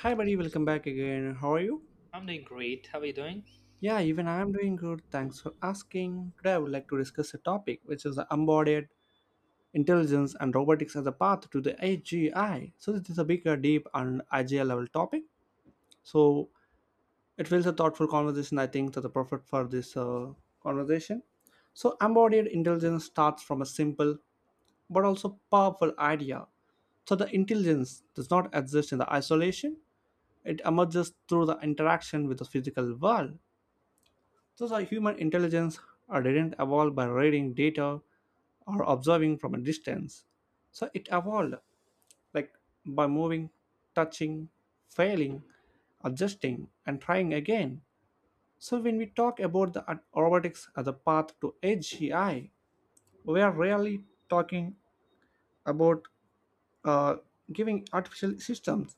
Hi, buddy, welcome back again. How are you? I'm doing great. How are you doing? Yeah, even I am doing good. Thanks for asking. Today, I would like to discuss a topic which is the embodied intelligence and robotics as a path to the AGI. So this is a bigger, deep, and AGI level topic. So it feels a thoughtful conversation. I think that the perfect for this conversation. So embodied intelligence starts from a simple but also powerful idea, so the intelligence does not exist in the isolation. It emerges through the interaction with the physical world. Thus, our human intelligence didn't evolve by reading data or observing from a distance. So it evolved like by moving, touching, failing, adjusting, and trying again. So when we talk about the robotics as a path to AGI, we are really talking about, uh, giving artificial systems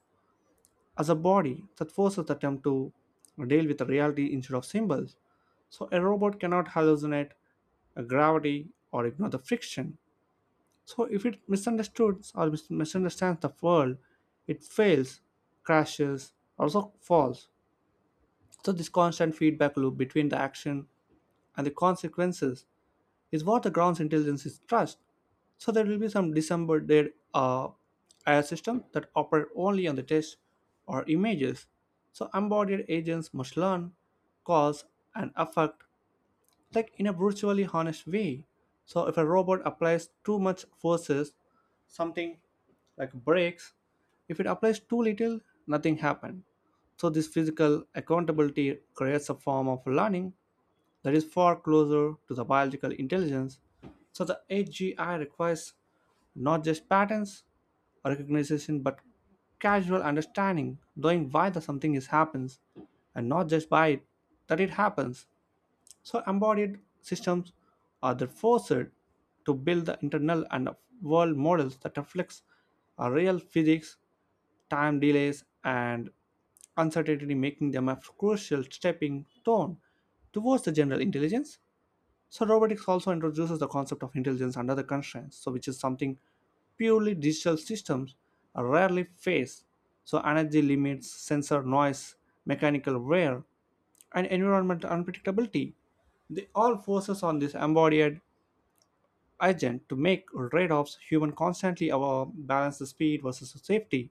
as a body that forces them to deal with the reality instead of symbols. So a robot cannot hallucinate gravity or ignore the friction. So if it misunderstands or misunderstands the world, it fails, crashes, also falls. So this constant feedback loop between the action and the consequences is what the ground's intelligence is trust. So there will be some disembodied AI system that operate only on the text or images. So embodied agents must learn, cause, and affect like in a virtually honest way. So if a robot applies too much forces, something like breaks. If it applies too little, nothing happened. So this physical accountability creates a form of learning that is far closer to the biological intelligence. So the AGI requires not just patterns or recognition but casual understanding, knowing why the something is happens and not just by it that it happens. So embodied systems are the forced to build the internal and world models that reflects a real physics, time delays, and uncertainty, making them a crucial stepping stone towards the general intelligence. So robotics also introduces the concept of intelligence under the constraints, so which is something purely digital systems rarely face. So energy limits, sensor noise, mechanical wear, and environmental unpredictability. They all force on this embodied agent to make trade-offs human constantly our balance the speed versus the safety.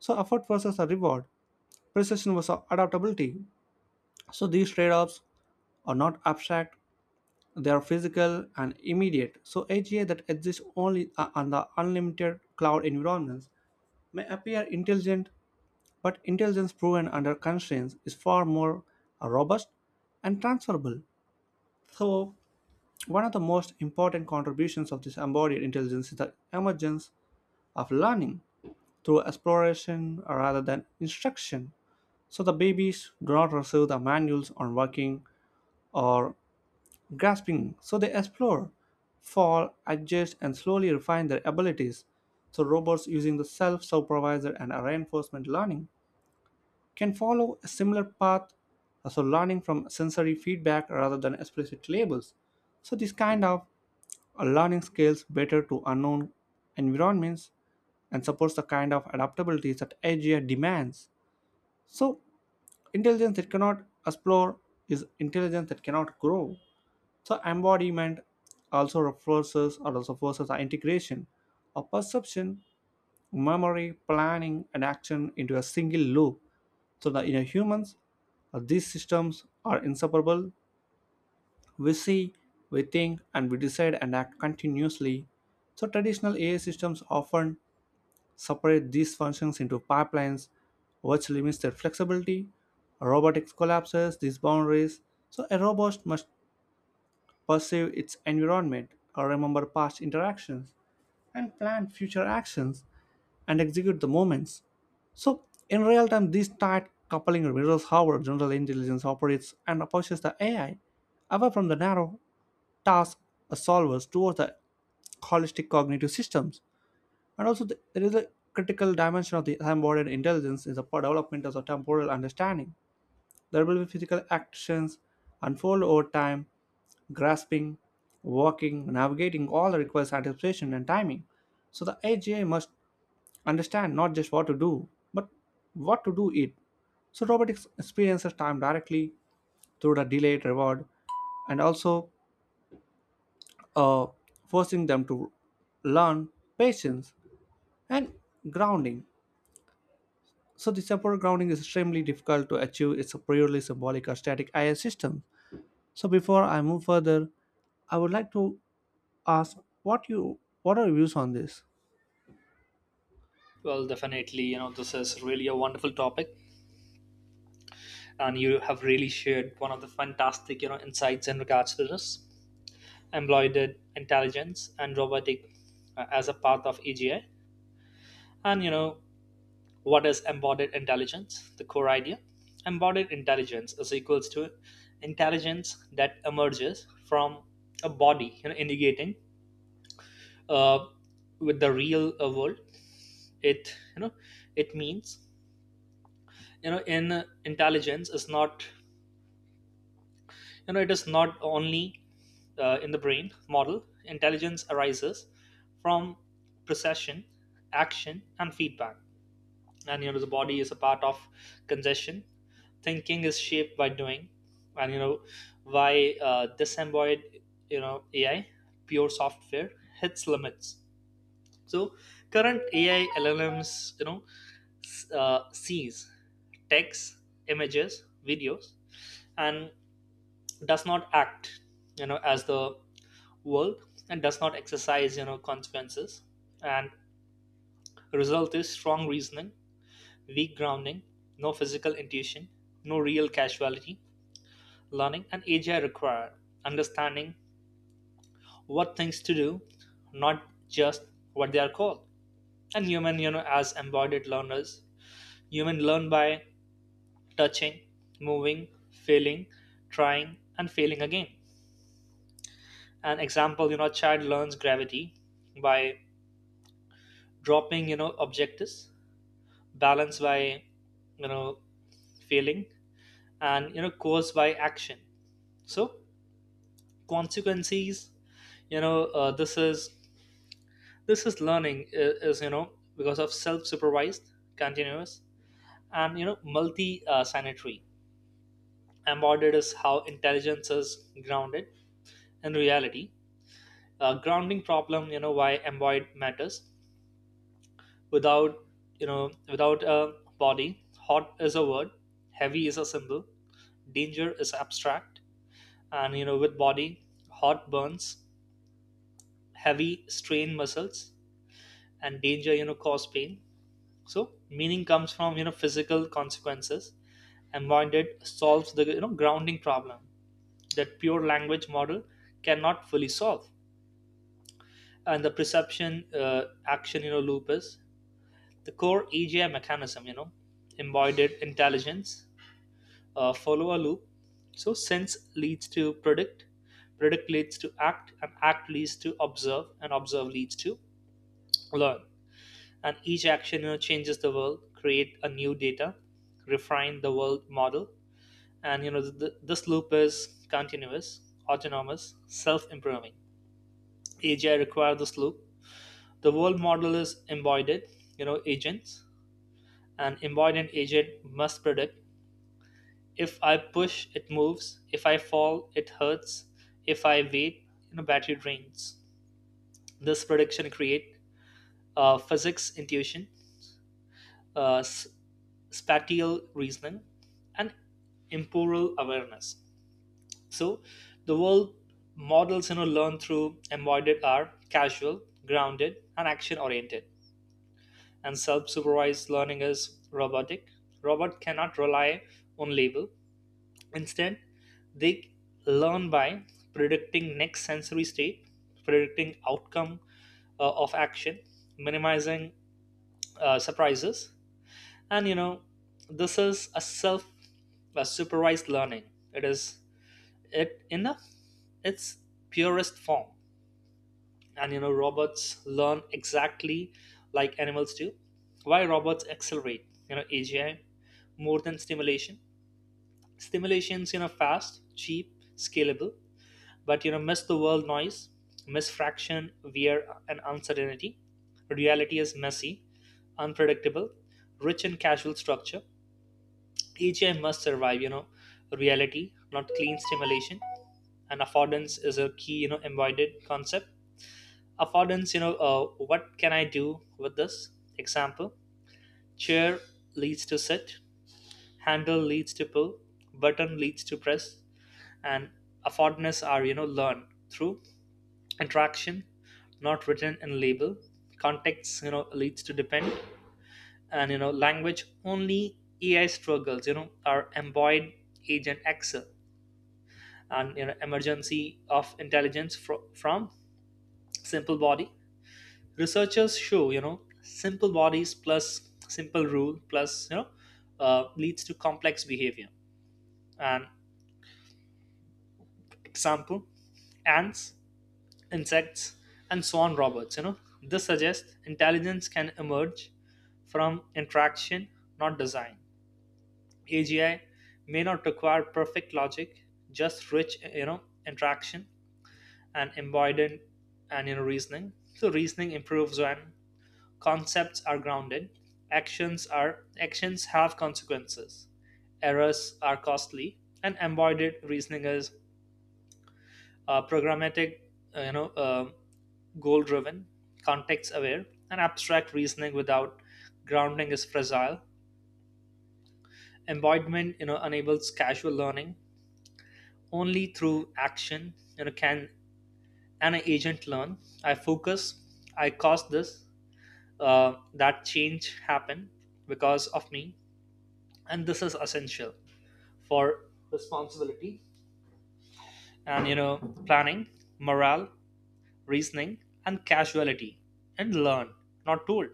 So effort versus a reward, precision versus adaptability. So these trade-offs are not abstract, they are physical and immediate. So AGI that exists only, on the unlimited cloud environments may appear intelligent, but intelligence proven under constraints is far more, robust and transferable. So one of the most important contributions of this embodied intelligence is the emergence of learning through exploration rather than instruction. So the babies do not receive the manuals on working or grasping, so they explore, fall, adjust, and slowly refine their abilities. So robots using the self-supervisor and reinforcement learning can follow a similar path, so learning from sensory feedback rather than explicit labels. So this kind of a learning scales better to unknown environments and supports the kind of adaptability that AI demands. So intelligence that cannot explore is intelligence that cannot grow. So embodiment also reinforces or also forces the integration of perception, memory, planning, and action into a single loop. So that in humans, these systems are inseparable. We see, we think, and we decide and act continuously. So traditional AI systems often separate these functions into pipelines, which limits their flexibility. Robotics collapses these boundaries, so a robot must perceive its environment, or remember past interactions, and plan future actions and execute the movements. So in real time, this tight coupling mirrors how our general intelligence operates and approaches the AI away from the narrow task solvers towards the holistic cognitive systems. And also, there is a critical dimension of the embodied intelligence is the development of the temporal understanding. There will be physical actions unfold over time, grasping, walking, navigating all requires anticipation and timing. So the AGI must understand not just what to do, but what to do it. So robotics experiences time directly through the delayed reward and also, uh, forcing them to learn patience and grounding. So the temporal grounding is extremely difficult to achieve. It's a purely symbolic or static IS system. So before I move further, I would like to ask what are your views on this? Well, definitely, you know, this is really a wonderful topic, and you have really shared one of the fantastic, you know, insights in regards to this embroidered intelligence and robotic as a part of AGI. And, you know, what is embodied intelligence? The core idea. Embodied intelligence is equals to intelligence that emerges from a body, you know, indicating uh, with the real world. It, you know, it means you know in intelligence is not you know it is not only in the brain model. Intelligence arises from procession, action and feedback, and you know the body is a part of concession. Thinking is shaped by doing, and you know why disembodied you know AI, pure software, hits limits. So current AI LLMs, you know, sees text, images, videos, and does not act, you know, as the world, and does not exercise you know consequences. And result is strong reasoning, weak grounding, no physical intuition, no real casuality learning. And AGI require understanding what things to do, not just what they are called. And human, you know, as embodied learners, human learn by touching, moving, failing, trying and failing again. An example, you know, a child learns gravity by dropping you know objectives, balance by you know failing, and you know cause by action, so consequences. You know, this is learning is you know because of self-supervised, continuous, and you know multi sanitary. Embodied is how intelligence is grounded in reality. Grounding problem, you know, why embodied matters. Without you know without a body, hot is a word, heavy is a symbol, danger is abstract. And you know, with body, hot burns, heavy strain muscles, and danger, you know, cause pain. So meaning comes from you know physical consequences, and minded solves the you know grounding problem that pure language model cannot fully solve. And the perception action you know loop is the core AGI mechanism. You know, embodied intelligence follow a loop. So sense leads to predict, predict leads to act, and act leads to observe, and observe leads to learn. And each action, you know, changes the world, create a new data, refine the world model, and you know this loop is continuous, autonomous, self-improving. AGI requires this loop. The world model is embodied, you know, agents. An embodied agent must predict, if I push, it moves. If I fall, it hurts. If I wait, you know, battery drains. This prediction create physics intuition, uh, s- spatial reasoning, and temporal awareness. So, the world models, you know, learn through embodied are casual, grounded, and action oriented. And self-supervised learning is robotic. Robot cannot rely on label. Instead, they learn by predicting next sensory state, predicting outcome of action, minimizing surprises, and you know this is a self a supervised learning. It is it in a, its purest form, and you know robots learn exactly like animals do. Why robots accelerate? You know AGI more than stimulation. Stimulations you know fast, cheap, scalable, but you know miss the world noise, miss fraction wear and uncertainty. Reality is messy, unpredictable, rich in casual structure. AGI must survive you know reality, not clean stimulation. And affordance is a key you know embodied concept. Affordance, you know, what can I do with this? Example, chair leads to sit, handle leads to pull, button leads to press. And affordness are you know learned through attraction, not written in label, context you know leads to depend. And you know language only AI struggles, you know, are embodied agent excel. And you know emergency of intelligence from simple body. Researchers show you know simple bodies plus simple rule plus you know, leads to complex behavior. And example, ants, insects, and swan robots. You know, this suggests intelligence can emerge from interaction, not design. AGI may not require perfect logic, just rich, you know, interaction and embodied, and you know reasoning. So reasoning improves when concepts are grounded, actions have consequences, errors are costly, and embodied reasoning is programmatic, uh, you know, uh, goal driven, context aware. And abstract reasoning without grounding is fragile. Embodiment, you know, enables casual learning. Only through action, you know, can an agent learn. I focus, I caused this, that change happened because of me. And this is essential for responsibility and you know planning, morale, reasoning, and casuality, and learn, not told.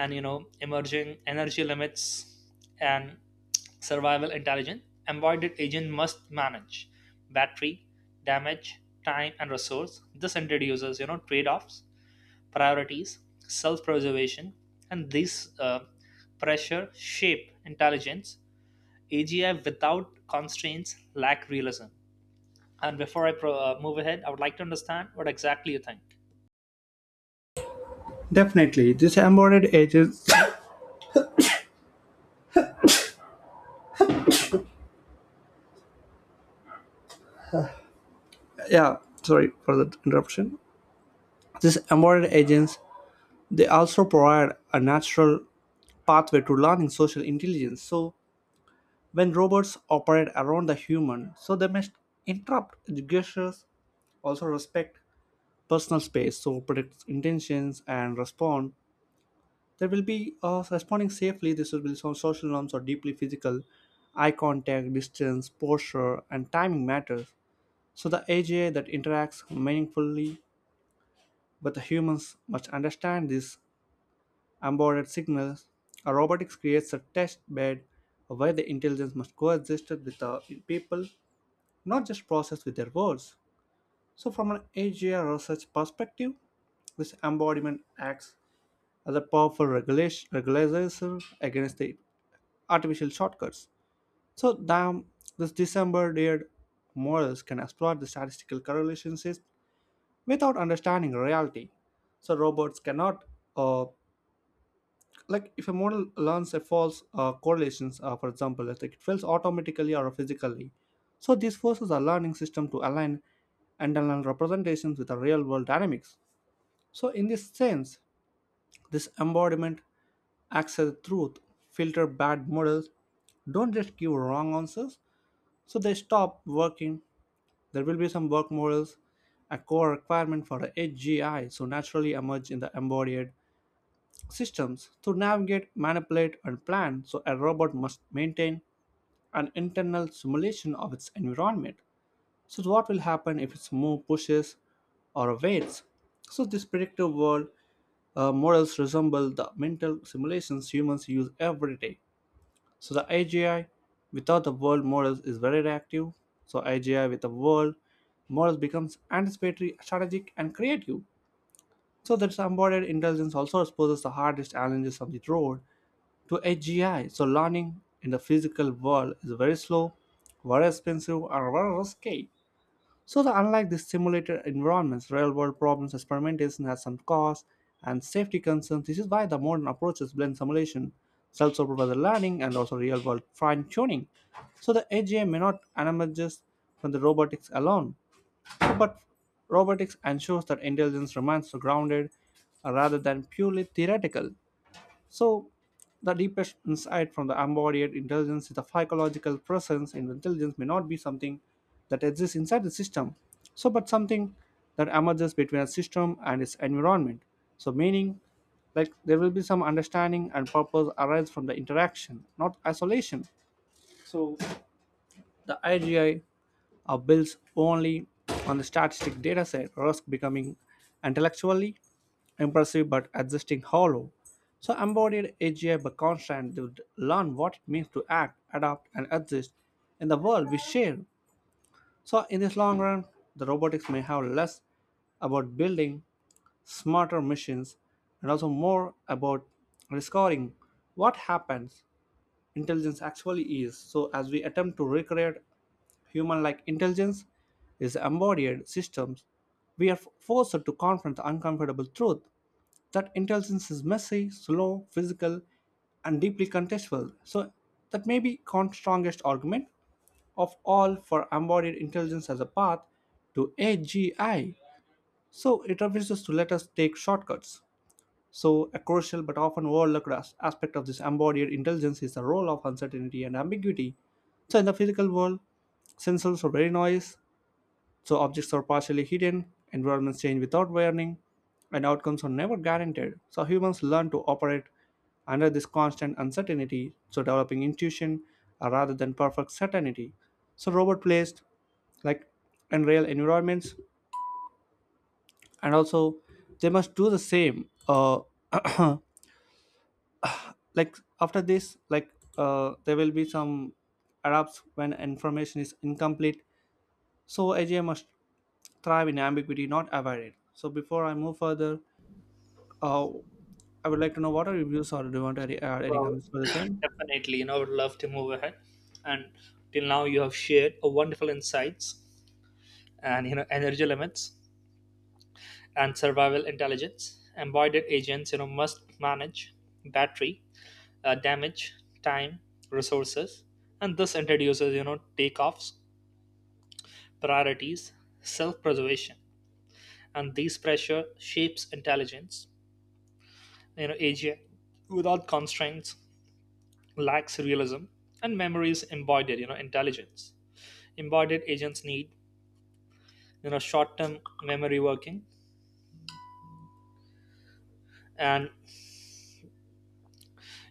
And you know emerging energy limits and survival intelligence. Embodied agent must manage battery, damage, time and resource. This introduces you know trade-offs, priorities, self-preservation, and these pressure shape intelligence. AGI without constraints lack realism. And before move ahead, I would like to understand what exactly you think. Definitely, this embodied agents. Yeah, sorry for the interruption. These embodied agents, they also provide a natural pathway to learning social intelligence. So when robots operate around the human, so they must interrupt gestures, also respect personal space, so predict intentions and respond. There will be, responding safely. This will be some social norms or deeply physical. Eye contact, distance, posture, and timing matters. So the AGI that interacts meaningfully with the humans must understand these embodied signals. A robotics creates a test bed where the intelligence must coexist with the people not just process with their words. So, from an AGI research perspective, this embodiment acts as a powerful regulation regularizer against the artificial shortcuts. So, damn, this disembedded models can exploit the statistical correlations without understanding reality. So, robots cannot, uh, like if a model learns a false correlations, for example it's like it fails automatically or physically. So this forces a learning system to align internal representations with the real world dynamics. So in this sense, this embodiment acts as a truth filter. Bad models don't just give wrong answers, so they stop working. There will be some work models, a core requirement for a HGI, so naturally emerge in the embodied systems to navigate, manipulate, and plan, so a robot must maintain an internal simulation of its environment. So, what will happen if its move pushes or waits? So, this predictive world models resemble the mental simulations humans use every day. So, the AGI without the world models is very reactive. So, AGI with the world models becomes anticipatory, strategic, and creative. So that's embodied intelligence also exposes the hardest challenges of the road to AGI. So learning in the physical world is very slow, very expensive, and very risky. So the unlike the simulated environments, real world problems, experimentation has some cost and safety concerns. This is why the modern approaches blend simulation, self-supervised learning, and also real world fine tuning. So the AGI may not emerges from the robotics alone, but robotics ensures that intelligence remains grounded, rather than purely theoretical. So the deepest insight from the embodied intelligence is the psychological presence in intelligence may not be something that exists inside the system, so but something that emerges between a system and its environment. So, meaning like there will be some understanding and purpose arise from the interaction, not isolation. So, the AGI builds only on the statistic dataset, risk becoming intellectually impressive but existing hollow. So embodied AGI by constant would learn what it means to act, adapt, and exist in the world we share. So in this long run, the robotics may have less about building smarter machines and also more about discovering what happens intelligence actually is. So, as we attempt to recreate human like intelligence is embodied systems, we are forced to confront the uncomfortable truth that intelligence is messy, slow, physical, and deeply contextual. So that may be Kant's strongest argument of all for embodied intelligence as a path to AGI. So, it refuses to let us take shortcuts. So, a crucial but often overlooked aspect of this embodied intelligence is the role of uncertainty and ambiguity. So, in the physical world, sensors are very noise, so objects are partially hidden, environments change without warning, and outcomes are never guaranteed. So, humans learn to operate under this constant uncertainty, so developing intuition rather than perfect certainty. So, robot placed like in real environments, and also they must do the same. Like after this like, there will be some errors when information is incomplete, so AGI must thrive in ambiguity not avoid it. So before I move further, uh, I would like to know what are your views or do you want to add any Well. comments for the same. Definitely, you know, I would love to move ahead. And till now, you have shared a wonderful insights, and you know energy limits and survival intelligence. Embodied agents, you know, must manage battery, damage, time, resources, and this introduces you know takeoffs, priorities, self-preservation, and these pressure shapes intelligence. You know, AGI without constraints lacks realism. And memories embodied. You know, intelligence embodied agents need you know short-term memory, working, and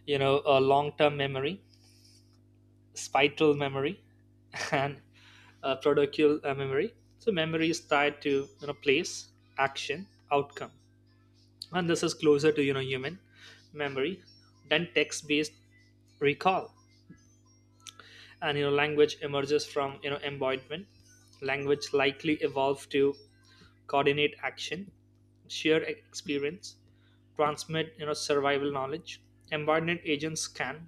you know long-term memory, spital memory, and protocal memory. So memory is tied to you know place, action, outcome, and this is closer to you know human memory than text-based recall. And you know language emerges from you know embodiment. Language likely evolved to coordinate action, share experience, transmit you know survival knowledge. Embodied agents can,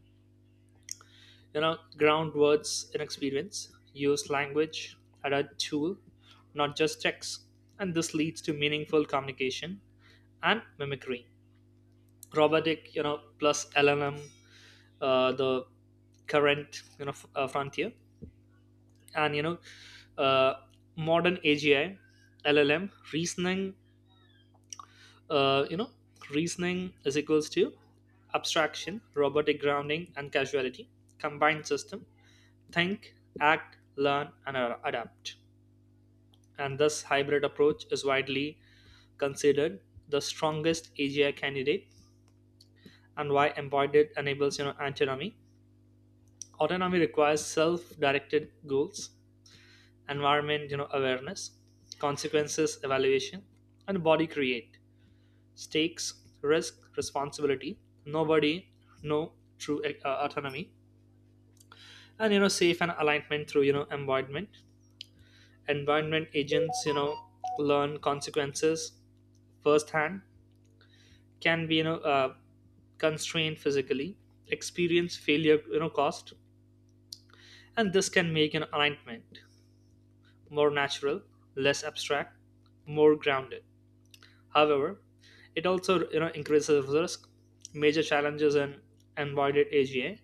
you know, ground words in experience, use language as a tool, not just text, and this leads to meaningful communication and mimicry. Robotic you know plus LLM, the current you know frontier, and you know, uh, modern AGI, LLM reasoning, uh, you know reasoning is equals to abstraction, robotic, grounding and casuality. Combined system think, act, learn and adapt. And this hybrid approach is widely considered the strongest AGI candidate. And why embodied enables you know autonomy. Autonomy requires self-directed goals, environment, you know, awareness, consequences evaluation, and body create stakes, risk, responsibility. Nobody, no true autonomy. And you know, safe and alignment through you know environment. Environment agents, you know, learn consequences firsthand, can be you know constrained physically, experience failure, you know, cost, and this can make an alignment more natural, less abstract, more grounded. However, it also you know increases risk. Major challenges in embodied AGA,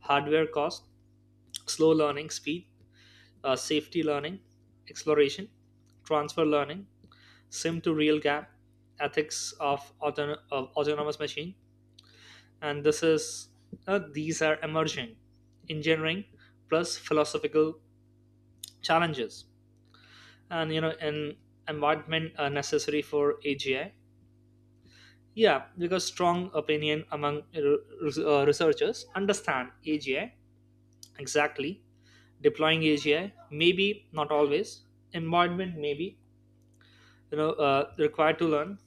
hardware cost, slow learning speed, safety learning, exploration, transfer learning, sim to real gap, ethics of, of autonomous machine, and this is these are emerging engineering plus philosophical challenges. And you know an environment necessary for AGI. Yeah, because strong opinion among researchers understand AGI exactly, deploying AGI, maybe not always, embodiment maybe you know required to learn,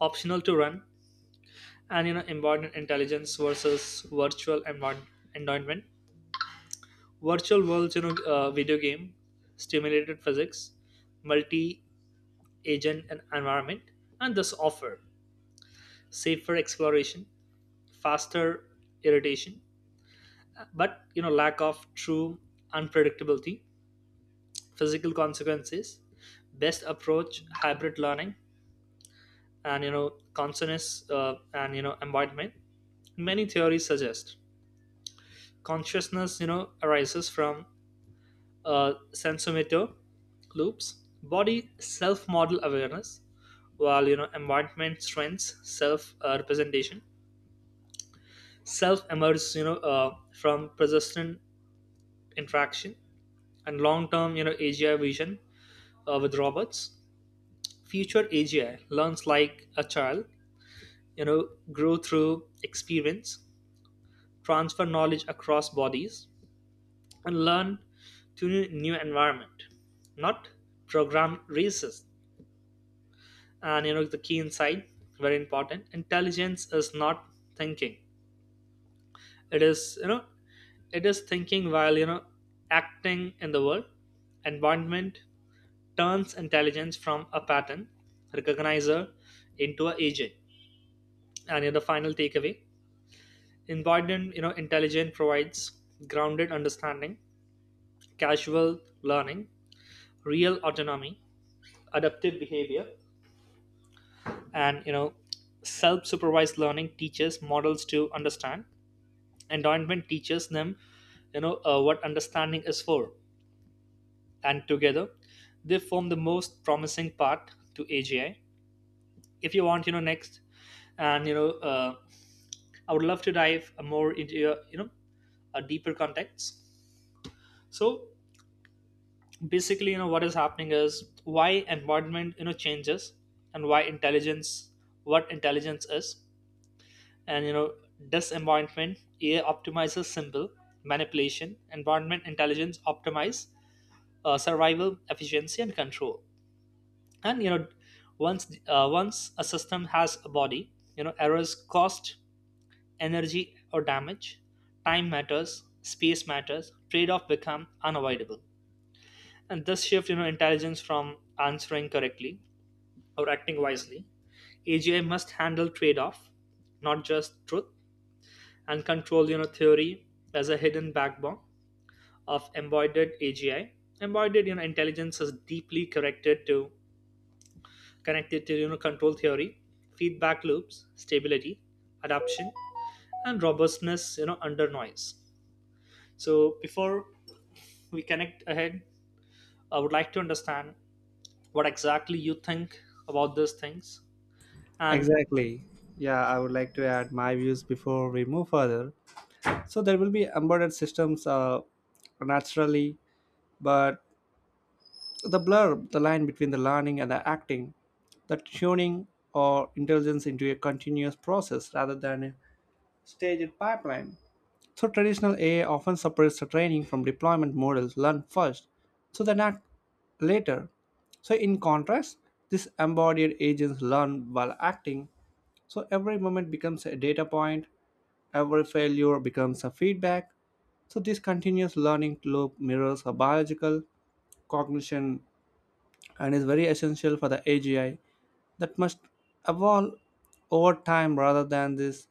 optional to run. And you know embodiment intelligence versus virtual environment, virtual worlds, you know, video game, stimulated physics, multi-agent and environment, and this offer safer exploration, faster iteration, but you know lack of true unpredictability, physical consequences. Best approach hybrid learning. And you know consciousness and you know embodiment, many theories suggest consciousness you know arises from sensomotor loops, body self model awareness, while you know embodiment strengths self representation. Self emerges you know from persistent interaction. And long term you know AGI vision with robots, future AGI learns like a child, you know, grow through experience, transfer knowledge across bodies, and learn to new environment, not program races. And you know the key insight, very important. Intelligence is not thinking. It is, you know, it is thinking while you know acting in the world. Environment turns intelligence from a pattern recognizer into an agent. And you know, the final takeaway, embodied you know intelligence provides grounded understanding, casual learning, real autonomy, adaptive behavior, and you know, self-supervised learning teaches models to understand. Endorsement teaches them, you know, what understanding is for, and together, they form the most promising part to AGI. If you want, you know, next, and you know, I would love to dive more into your, you know, a deeper context. So basically, you know, what is happening is why environment, you know, changes, and why intelligence, what intelligence is. And you know disemboymentment AI optimizes symbol manipulation, environment intelligence optimize survival efficiency and control. And you know once once a system has a body, you know errors cost energy or damage, time matters, space matters, trade-off become unavoidable. And this shift you know intelligence from answering correctly or acting wisely. AGI must handle trade-off, not just truth. And control you know theory as a hidden backbone of embodied AGI. Embodied you know intelligence is deeply connected to connected to you know control theory, feedback loops, stability, adaption, and robustness you know under noise. So before we connect ahead, I would like to understand what exactly you think about these things and Exactly, yeah, I would like to add my views before we move further. So there will be embedded systems, naturally, but the blurb, the line between the learning and the acting, the tuning or intelligence into a continuous process rather than a staged pipeline. So traditional AI often separates the training from deployment models, learn first, so then act later. So in contrast, this embodied agents learn while acting, so every moment becomes a data point, every failure becomes a feedback. So this continuous learning loop mirrors a biological cognition and is very essential for the AGI that must evolve over time rather than this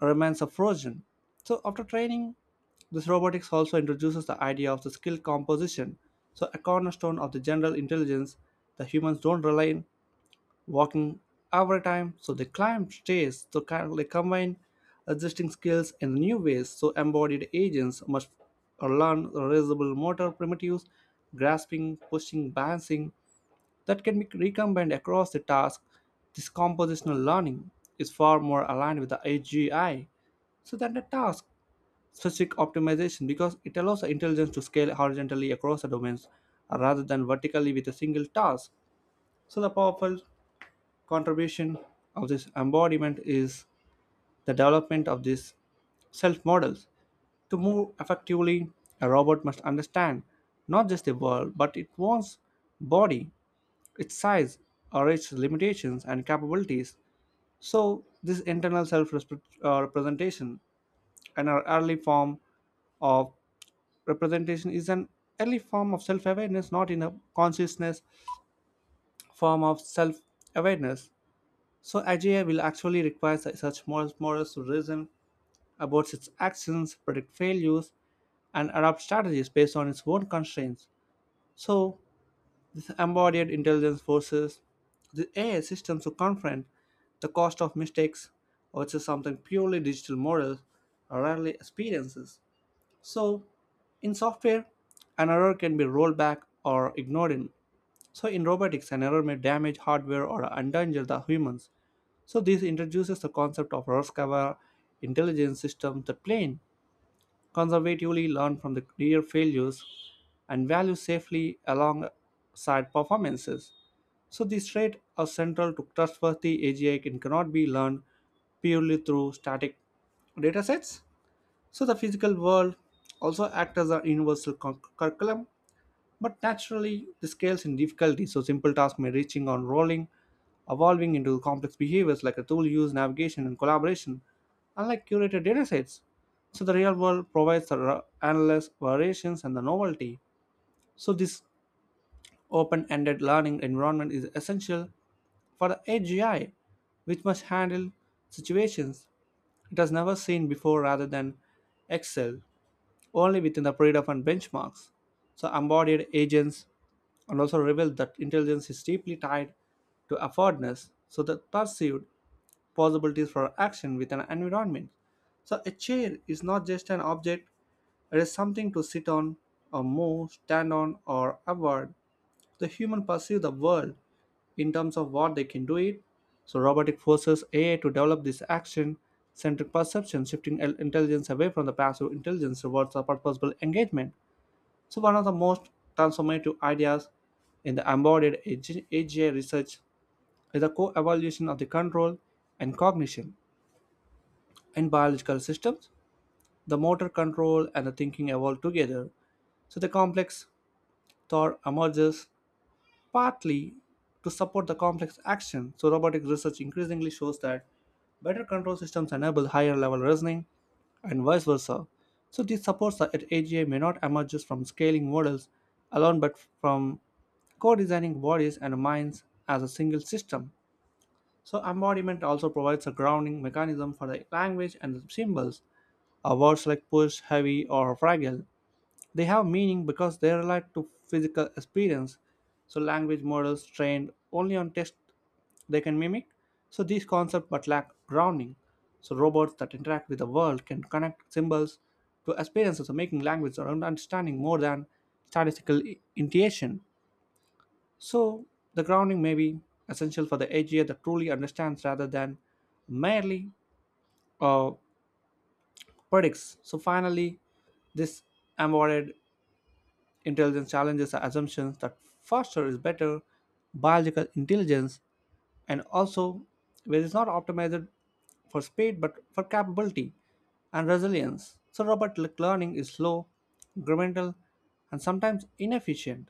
remains a frozen. So after training, this robotics also introduces the idea of the skill composition, so a cornerstone of the general intelligence. The humans don't rely on walking every time, so they climb stairs. So kind of they combine existing skills in new ways. So embodied agents must learn reasonable motor primitives, grasping, pushing, balancing, that can be recombined across the task. This compositional learning is far more aligned with the AGI so that the task specific optimization because it allows the intelligence to scale horizontally across the domains rather than vertically with a single task. So the powerful contribution of this embodiment is the development of these self models. To move effectively, a robot must understand not just the world but its own body, its size or its limitations and capabilities. So this internal self representation and our early form of representation is an early form of self awareness, not in a consciousness form of self awareness. So AGI will actually require such models to reason about its actions, predict failures, and adopt strategies based on its own constraints. So embodied intelligence forces the AI systems to confront the cost of mistakes, which is something purely digital models rarely experiences. So, in software, an error can be rolled back or ignored. In. So in robotics, an error may damage hardware or endanger the humans. So this introduces the concept of risk aware intelligence systems that plane conservatively, learn from the career failures, and value safely alongside performances. So these traits are central to trustworthy AGI and cannot be learned purely through static datasets. So the physical world also acts as a universal curriculum, but naturally, this scales in difficulty, so simple tasks may reaching on rolling, evolving into complex behaviors like a tool use, navigation, and collaboration, unlike curated datasets. So the real world provides the endless variations and the novelty. So this open-ended learning environment is essential for the AGI, which must handle situations it has never seen before rather than excel only within the predefined benchmarks. So embodied agents and also revealed that intelligence is deeply tied to affordness, so the perceived possibilities for action with an environment. So a chair is not just an object, it is something to sit on or move, stand on or avoid. The human perceive the world in terms of what they can do it. So robotic forces AI to develop this action centric perception, shifting intelligence away from the passive intelligence towards a purposeful engagement. So one of the most transformative ideas in the embodied AG AGI research is the co evolution of the control and cognition. In biological systems, the motor control and the thinking evolve together, so the complex thought emerges partly to support the complex action. So robotic research increasingly shows that better control systems enable higher level reasoning and vice versa. So this supports that AGI may not emerge just from scaling models alone but from co designing bodies and minds as a single system. So embodiment also provides a grounding mechanism for the language and the symbols. Words like push, heavy, or fragile, they have meaning because they relate to physical experience. So language models trained only on text, they can mimic. So these concepts but lack grounding. So robots that interact with the world can connect symbols to experiences of making language or understanding more than statistical intuition. So the grounding may be essential for the AGI that truly understands rather than merely uh, predicts. So finally, this embodied intelligence challenges the assumptions that faster is better. Biological intelligence and also where it's not optimized for speed but for capability and resilience. So robotic learning is slow, incremental, and sometimes inefficient.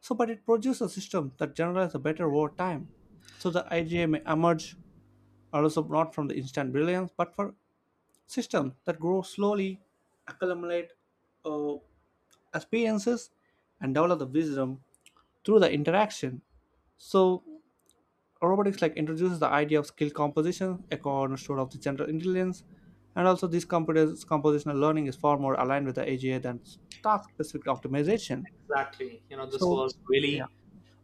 So but it produces a system that generalizes better over time. So the IGA may emerge also not from the instant brilliance, but for systems that grow slowly, accumulate, uh, experiences and develop the wisdom through the interaction. So robotics like introduces the idea of skill composition, a cornerstone of the general intelligence, and also this computers compositional learning is far more aligned with the AGI than task specific optimization. Exactly. You know, this So was yeah. really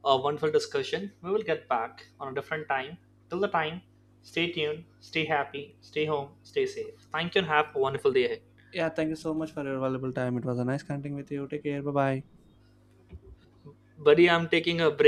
a wonderful discussion. We will get back on a different time. Till the time, stay tuned, stay happy, stay home, stay safe. Thank you and have a wonderful day ahead. Yeah, thank you so much for your valuable time. It was a nice connecting with you. Take care. Bye bye. Buddy, I'm taking a break.